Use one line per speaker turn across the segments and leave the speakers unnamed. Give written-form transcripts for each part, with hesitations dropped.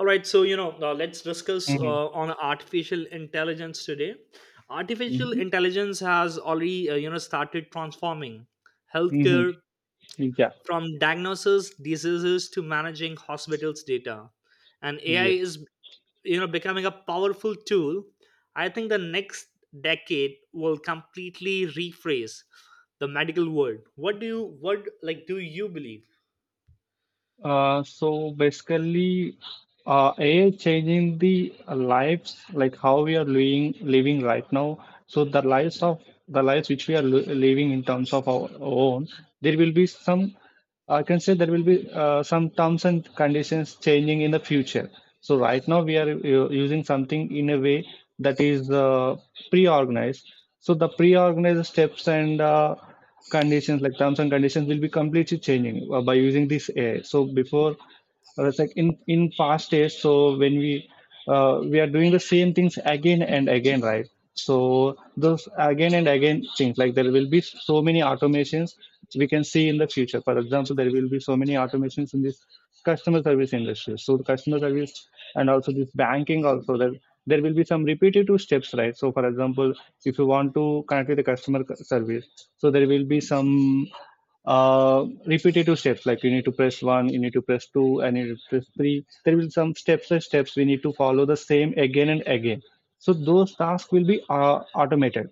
All right, so let's discuss
Mhm,
on artificial intelligence today. Artificial
mhm,
intelligence has already started transforming
mhm.
healthcare
Yeah,
from diagnosis diseases to managing hospitals data, and AI
yes.
is becoming a powerful tool. I think the next decade will completely rephrase the medical world. What like do you believe?
So basically, AI changing the lives, like how we are living right now. So the lives of the lives which we are li living in terms of our own, there will be some. I can say there will be some terms and conditions changing in the future. So right now we are using something in a way that is pre-organized. So the pre-organized steps and conditions, like terms and conditions, will be completely changing by using this AI. So before or it's like in past days, so when we are doing the same things again and again, right? So those again and again things, like, there will be so many automations we can see in the future. For example, there will be so many automations in this customer service industry. So the customer service, and also this banking also, there will be some repetitive steps, right? So for example, if you want to connect with the customer service, so there will be some repetitive steps like you need to press one, you need to press two, and you need to press three. There will some steps and steps we need to follow the same again and again. So those tasks will be automated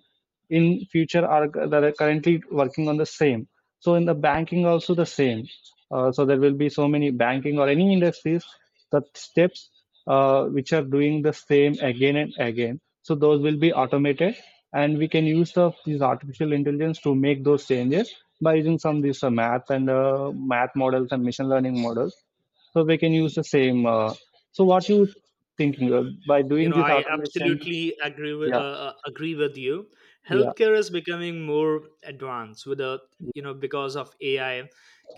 in future are that are currently working on the same. So in the banking also the same. So there will be so many banking or any industries that steps, which are doing the same again and again, so those will be automated. And we can use these artificial intelligence to make those changes by using some this math and math models and machine learning models. So we can use the same, so what you thinking, by
you
doing
know
this
i
automation?
absolutely agree with
Yeah,
you.
yeah,
Healthcare is becoming more advanced with a you know because of AI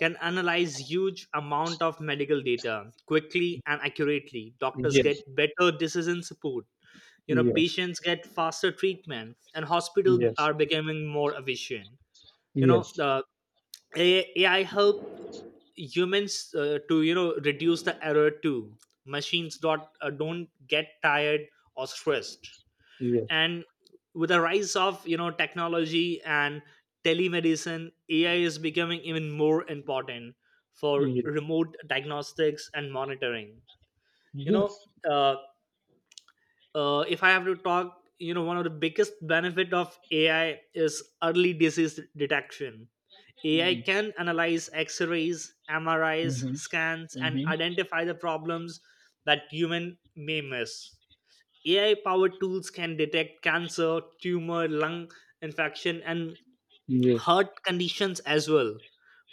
can analyze huge amount of medical data quickly and accurately. Doctors get
yes,
better decision support.
yes,
Patients get faster treatment, and hospitals
yes,
are becoming more efficient. you know
yes,
the AI help humans to reduce the error too. Machines don't get tired or stressed.
yes,
And with the rise of technology and telemedicine, AI is becoming even more important for
yes,
remote diagnostics and monitoring. You know.
yes.
Uh, if I have to talk, one of the biggest benefit of AI is early disease detection. AI
Mm-hmm.
can analyze X-rays, MRIs,
Mm-hmm.
scans, and
Mm-hmm.
identify the problems that human may miss. AI-powered tools can detect cancer, tumor, lung infection, and
Yes,
heart conditions as well,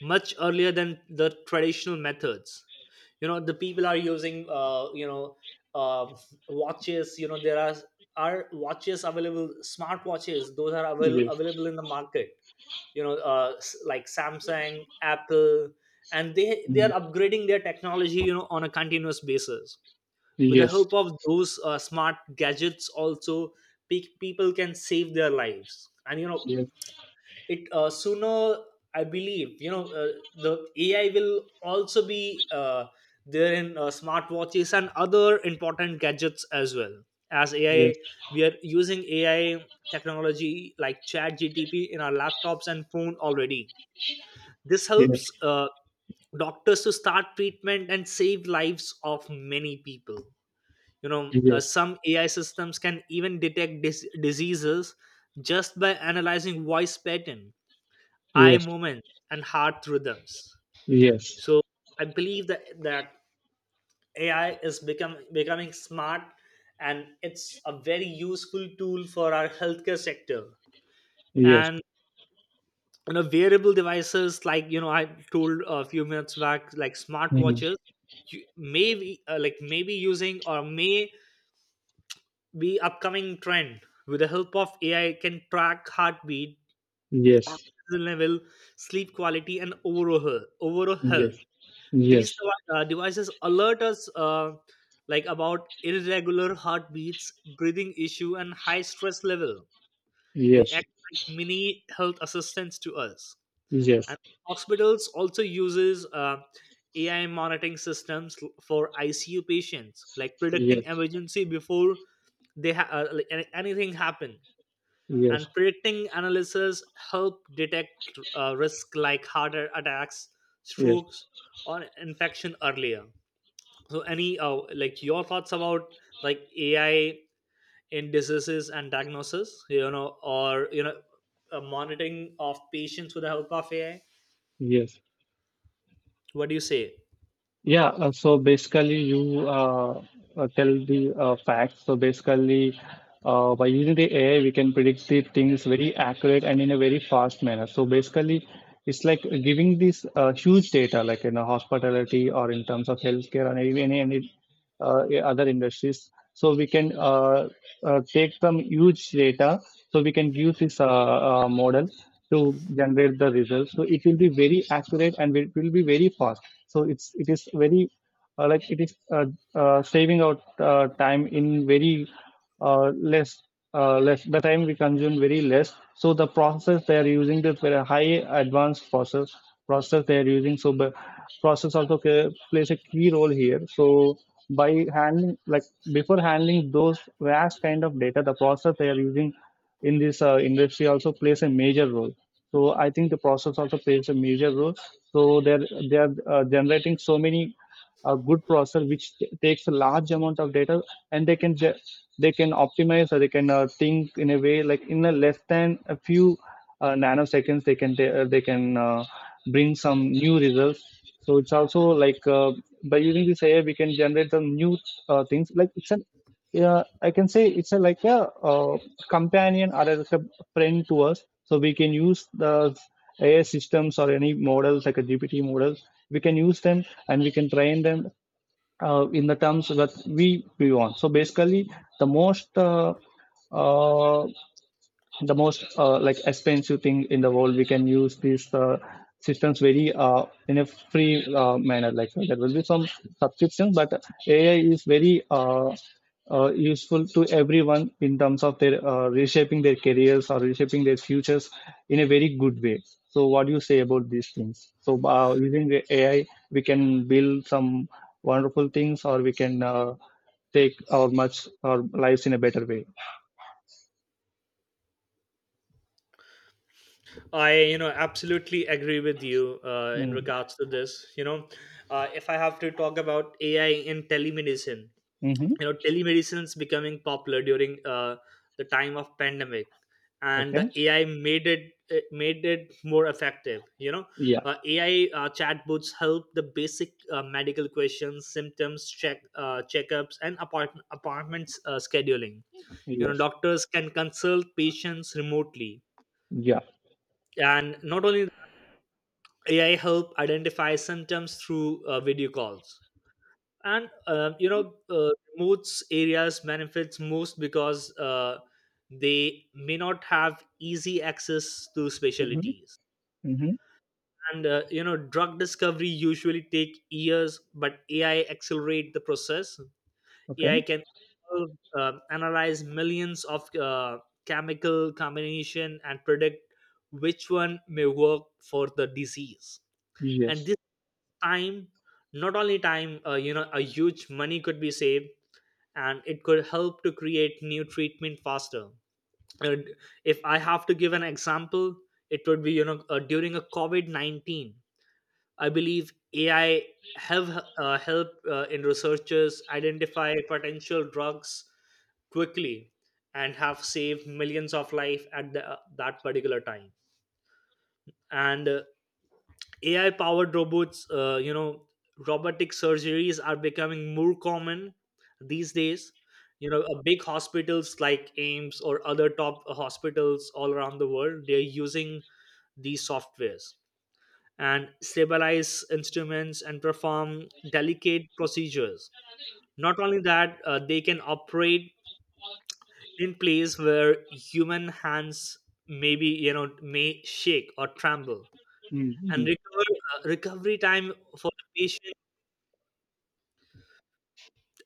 much earlier than the traditional methods. The people are using uh, watches. There are watches available, smart watches, those are
yes.
available in the market. Like Samsung, Apple. And they
Mm,
are upgrading their technology, on a continuous basis. With the
yes,
help of those smart gadgets also, people can save their lives. And
yes,
it, sooner, I believe, the AI will also be there in smartwatches and other important gadgets as well. As AI,
yes,
we are using AI technology like chat GTP in our laptops and phone already. This helps
yes,
doctors to start treatment and save lives of many people. you know
yes,
some AI systems can even detect diseases just by analyzing voice pattern, eye
yes,
movements, and heart rhythms.
yes,
So I believe that AI is become becoming smart, and it's a very useful tool for our healthcare sector.
yes.
And wearable devices, like I told a few minutes back, like
Mm,
smartwatches, you may be, like maybe using or may be upcoming trend, with the help of AI can track heartbeat,
yes,
oxygen level, sleep quality, and overall health.
yes, yes,
These devices alert us, like about irregular heartbeats, breathing issue, and high stress level. They
yes, yes,
act like mini health assistants to us.
yes,
And hospitals also uses AI monitoring systems, for ICU patients, like predicting
yes,
emergency before they ha- like any- anything happen. And
yes,
predicting analysis help detect risk like heart attacks,
yes.
strokes, or infection earlier. So any, like, your thoughts about, like, AI in diseases and diagnosis, or monitoring of patients with the help of AI?
Yes.
What do you say?
Yeah. So basically, you tell the facts. So basically, by using the AI, we can predict the things very accurate and in a very fast manner. So basically, it's like giving this huge data, like in a hospitality or in terms of healthcare or any other industries. So we can take some huge data, so we can use this model to generate the results. So it will be very accurate and it will be very fast. So it is very, like it is, saving out time in very, less, less the time we consume very less. So the process they are using, this very high advanced process they are using. So the process also plays a key role here. So, by handling, like, before handling those vast kind of data, the process they are using in this industry also plays a major role. So I think the process also plays a major role. So they are generating so many good process which takes a large amount of data, and they can optimize or they can think in a way, like in a less than a few nanoseconds they can bring some new results. So it's also like, by using this AI we can generate some new things. Like it's an yeah, I can say it's a, like a, companion or as a friend to us. So we can use the AI systems or any models like a GPT model. We can use them and we can train them in the terms that we want. So basically, the most uh, uh, the most, like, expensive thing in the world, we can use these systems very, in a free manner, like, so there will be some subscription, but AI is very, useful to everyone in terms of their reshaping their careers or reshaping their futures in a very good way. So what do you say about these things? So using the AI, we can build some wonderful things, or we can take our much our lives in a better way.
I absolutely agree with you, in
Mm-hmm.
regards to this. If I have to talk about AI in telemedicine.
Mm-hmm.
Telemedicine's becoming popular during the time of pandemic, and the
Okay.
AI made it more effective.
Yeah.
AI chatbots help the basic medical questions, symptoms checkups, and appointments scheduling.
Yes.
Doctors can consult patients remotely.
Yeah.
And not only AI help identify symptoms through video calls. And remote areas benefits most, because they may not have easy access to
Mm-hmm.
specialties.
Mm-hmm.
And drug discovery usually take years, but AI accelerate the process.
Okay.
AI can analyze millions of chemical combination and predict which one may work for the disease. And
Yes.
this time, not only time, a huge money could be saved, and it could help to create new treatment faster. Uh, if I have to give an example, it would be, during a COVID-19, I believe AI have helped, in researchers identify potential drugs quickly, and have saved millions of life at that particular time. And AI powered robots, robotic surgeries are becoming more common these days. Big hospitals like AIMS or other top hospitals all around the world, they're using these softwares and stabilize instruments and perform delicate procedures. Not only that, they can operate in place where human hands maybe, may shake or tremble, and
Mm-hmm.
recovery time for the patient,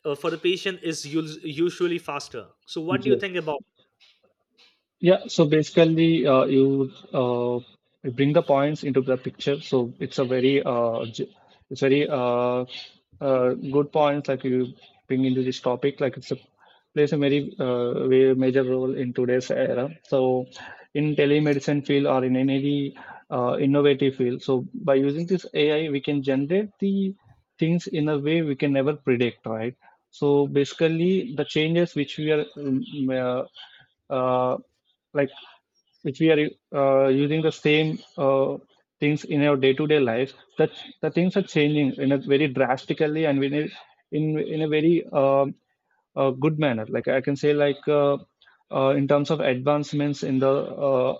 is usually faster. So, what do you
Yes.
think about
Yeah, so basically, you bring the points into the picture. So it's very, good points like you bring into this topic. Like it's a plays a very, very major role in today's era. So in telemedicine field or in any innovative field. So by using this AI, we can generate the things in a way we can never predict, right? So basically, the changes which we are, uh, uh, like, which we are using the same things in our day-to-day life, that the things are changing in a very drastically, and in a very, a good manner. Like I can say, like, in terms of advancements in the,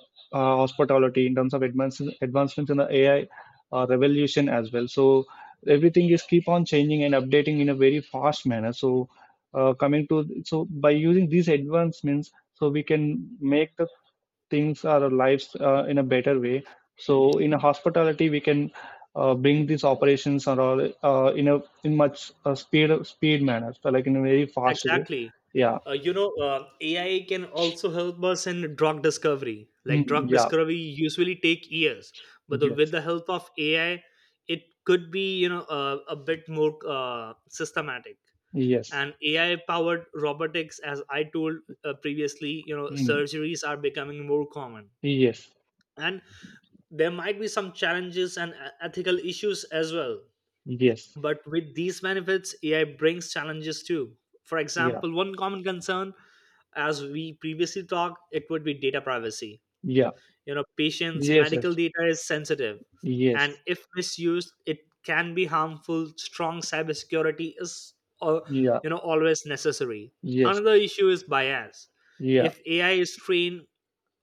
hospitality, in terms of advancements in the AI, revolution as well. So everything is keep on changing and updating in a very fast manner. So coming to, so by using these advancements, so we can make the things our lives in a better way. So in a hospitality we can bring these operations, or in a, in much, speed manner, so, like, in a very fast way.
exactly?
Yeah.
AI can also help us in drug discovery. Like
Mm,
drug
yeah.
discovery usually take years, but with
Yes,
the help of AI, it could be, a bit more systematic.
yes.
And AI powered robotics, as I told previously,
Mm,
surgeries are becoming more common,
yes,
and there might be some challenges and ethical issues as well.
yes.
But with these benefits, AI brings challenges too. For
Yeah,
example, one common concern, as we previously talked, it would be data privacy.
yeah,
Patients'
yes, yes,
medical data is sensitive, and
yes.
if misused, it can be harmful. Strong cybersecurity is, uh,
Yeah,
always necessary.
yes,
Another issue is bias.
yeah.
If AI is trained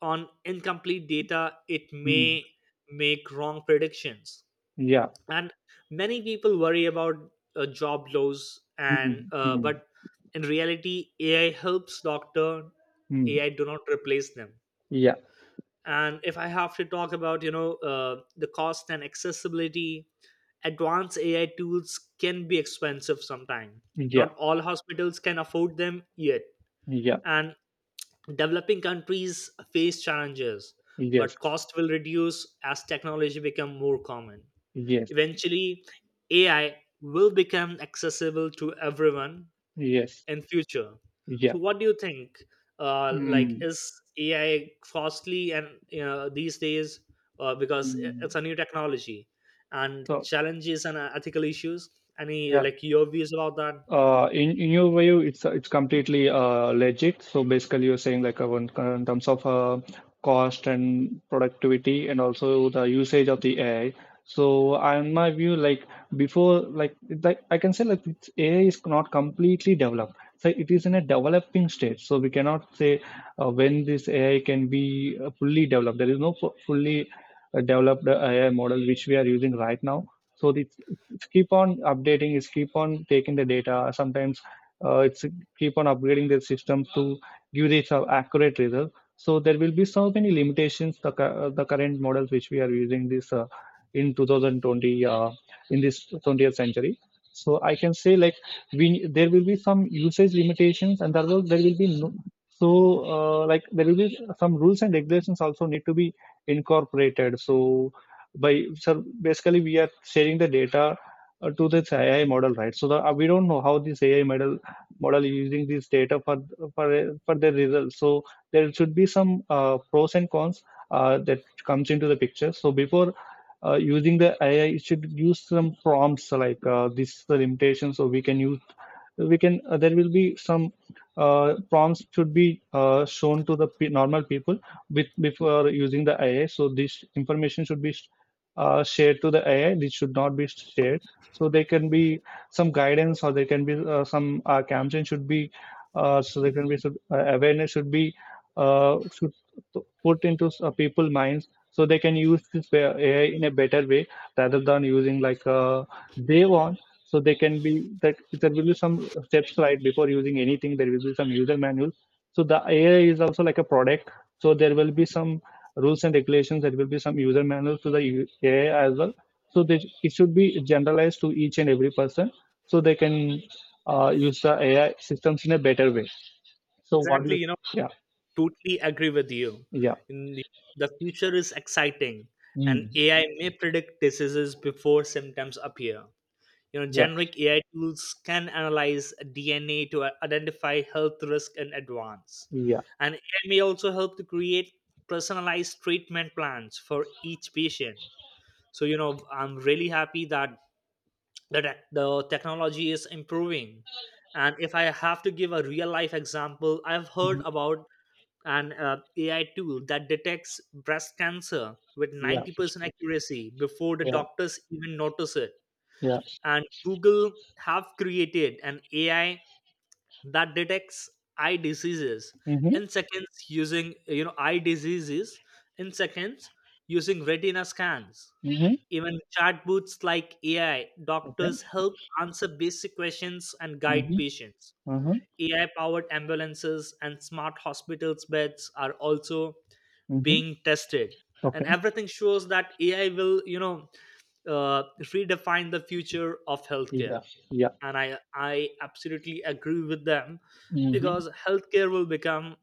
on incomplete data, it
Mm,
may make wrong predictions.
yeah.
And many people worry about job loss, and
Mm, mm,
but in reality, AI helps doctor.
mm,
AI do not replace them.
yeah,
And if I have to talk about, the cost and accessibility, advanced AI tools can be expensive sometimes.
yeah,
Not all hospitals can afford them yet,
yeah,
and developing countries face challenges,
yes,
but cost will reduce as technology become more common.
yes,
Eventually, AI will become accessible to everyone
yes,
in future. So,
yeah.
what do you think? Like,
Mm,
is AI costly, and these days, because
mm.
it's a new technology, and
So,
challenges and ethical issues? Any,
yeah.
like, your views about that?
In your view, it's completely legit. So basically, you're saying, like, in terms of cost and productivity, and also the usage of the AI. So in my view, like, before, like I can say, AI is not completely developed. So it is in a developing stage. So we cannot say when this AI can be fully developed. There is no fully developed AI model which we are using right now. So it's keep on updating, is keep on taking the data sometimes, it's keep on upgrading the system to give this accurate result. So there will be so many limitations. The current models which we are using this, in 2020, in this 20th century. So I can say, like, we there will be some usage limitations, and there will be no, so like, there will be some rules and regulations also need to be incorporated. So by so basically we are sharing the data to this AI model, right? We don't know how this AI model is using this data for their results. So there should be some pros and cons that comes into the picture. So before using the AI, you should use some prompts like, this is the limitation. So we can use, we can there will be some prompts should be shown to the normal people with, before using the AI. So this information should be shared to the AI. This should not be shared. So there can be some guidance, or there can be some campaign should be, so there can be some awareness should be, should put into people's minds, so they can use AI in a better way rather than using, like, they want. So they can be that there will be some steps right before using anything. There will be some user manuals. So the AI is also like a product. So there will be some rules and regulations. There will be some user manuals to the AI as well. So it should be generalized to each and every person, so they can use the AI systems in a better way. So what do
Exactly,
you...
you know,
Yeah,
totally agree with you.
yeah.
In the, the future is exciting, and
Mm,
AI may predict diseases before symptoms appear.
yeah,
Generic AI tools can analyze DNA to identify health risk in advance.
yeah.
And AI may also help to create personalized treatment plans for each patient. So, I'm really happy that the technology is improving. And if I have to give a real life example, I've heard
Mhm,
about an AI tool that detects breast cancer with
yeah,
90% accuracy before the
yeah,
doctors even notice it.
yeah.
And Google have created an AI that detects eye diseases in
Mm-hmm.
seconds using, eye diseases in seconds using retina scans.
Mm-hmm.
Even chatbots like AI doctors
Okay.
help answer basic questions and guide
Mm-hmm.
patients.
uh
AI powered ambulances and smart hospitals beds are also
hmm.
being tested. And
Okay.
everything shows that AI will, redefine the future of
Yeah,
healthcare.
yeah.
And I absolutely agree with them,
Mm-hmm.
because healthcare will become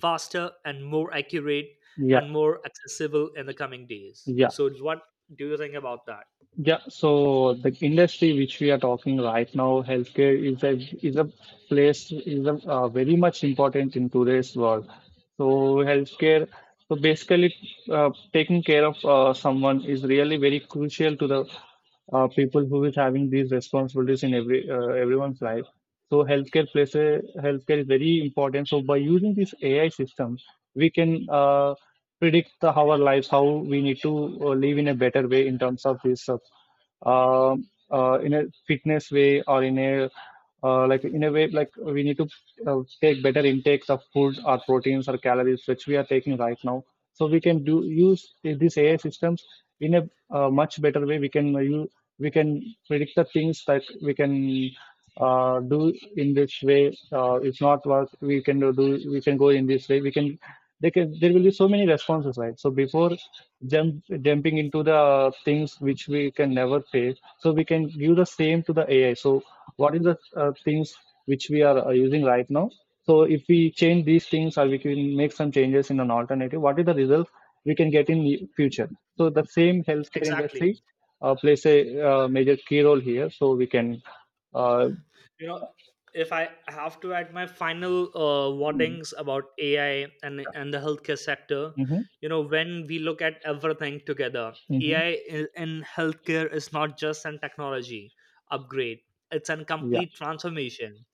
faster and more accurate and
Yeah,
more accessible in the coming days.
yeah.
So what do you think about that?
Yeah, so the industry which we are talking right now, healthcare is a place, is a very much important in today's world. So healthcare, so basically taking care of someone is really very crucial to the people who is having these responsibilities in everyone's life. So healthcare plays a healthcare is very important. So by using this AI system, we can predict our lives, how we need to live in a better way in terms of this. In a fitness way, or in a, like in a way, like we need to take better intakes of food or proteins or calories which we are taking right now. So we can do use these AI systems in a, much better way. We can you we can predict the things that we can do in this way. If not work, we can we can go in this way we can. They can there will be so many responses, right? So before jump jumping into the things which we can never face, so we can give the same to the AI. So what is the things which we are using right now. So if we change these things, or we can make some changes in an alternative, what is the result we can get in the future? So the same healthcare
Exactly.
industry plays a major key role here, so we can uh,
you know if I have to add my final
mm-hmm.
warnings about AI, and the healthcare sector. When we look at everything together,
Mm-hmm.
AI in healthcare is not just an technology upgrade. It's a
Yeah,
complete transformation.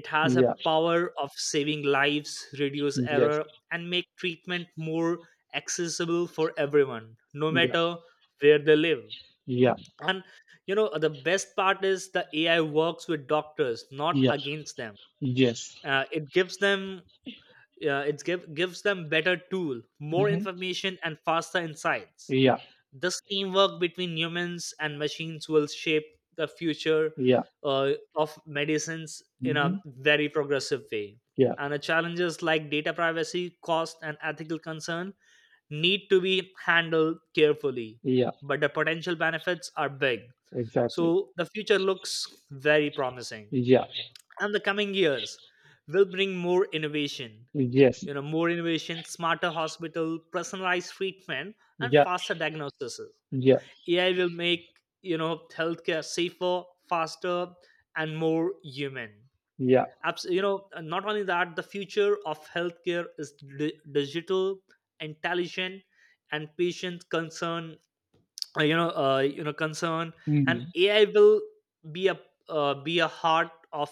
It has a
yeah,
power of saving lives, reduce
yes,
error, and make treatment more accessible for everyone, no
yeah,
matter where they live.
yeah,
And the best part is, the AI works with doctors, not
yeah,
against them.
yes.
Uh, it gives them uh, it give, gives them better tool, more
Hmm,
information, and faster insights.
yeah,
This teamwork between humans and machines will shape the future
yeah.
uh, of medicines in
Hmm,
a very progressive way.
yeah,
And the challenges like data privacy, cost, and ethical concern need to be handled carefully,
yeah.
but the potential benefits are big. So
Exactly,
the future looks very promising.
yeah,
And the coming years will bring more innovation.
yes,
More innovation, smarter hospital, personalized treatment, and
yeah,
faster diagnosis.
yeah,
AI will make, healthcare safer, faster, and more human.
yeah.
And not only that, the future of healthcare is digital, intelligent, and patient concern, concern. And
Mhm.
AI will be a be a heart of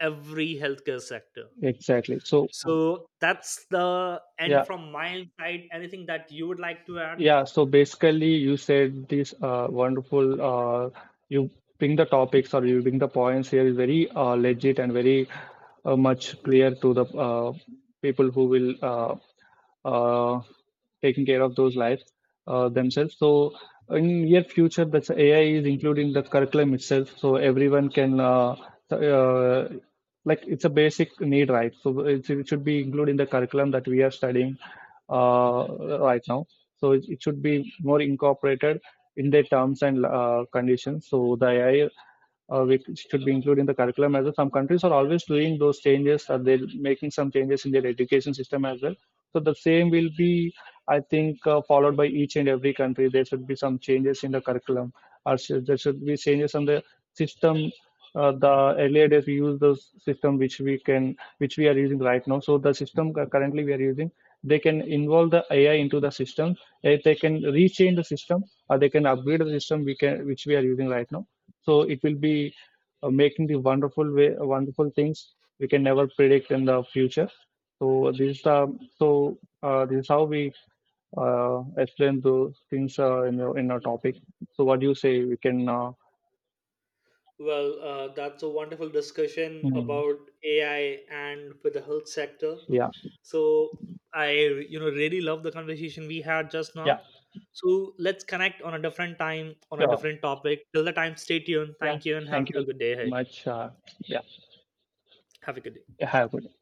every healthcare sector.
Exactly. So,
So that's the end
yeah,
from my side. Anything that you would like to add?
yeah, so basically, you said this wonderful. You bring the topics, or you bring the points here is very legit, and very, much clear to the people who will uh, taking care of those lives themselves. So in near future, that's AI is included in the curriculum itself, so everyone can uh, like, it's a basic need, right? So it should be included in the curriculum that we are studying uh, right now. So it should be more incorporated in their terms and conditions. So the AI which should be included in the curriculum as well. Some countries are always doing those changes, or they're making some changes in their education system as well. So the same will be, I think, followed by each and every country. There should be some changes in the curriculum, or there should be changes on the system. The earlier days we use the system which we are using right now. So the system currently we are using, they can involve the AI into the system. If they can rechange the system, or they can upgrade the system which we are using right now. So it will be making the wonderful way, wonderful things we can never predict in the future. So this is how we explain those things in your in our topic. So what do you say? We can
Well, that's a wonderful discussion
Mm,
about AI, and with the health sector.
yeah,
So I, really love the conversation we had just
yeah,
now. So let's connect on a different time, on a
sure,
different topic. Till the time, stay tuned.
yeah.
Thank you, and have
Thank
a
you
good day
so
ahead.
much. Yeah,
Have a good day.
have a good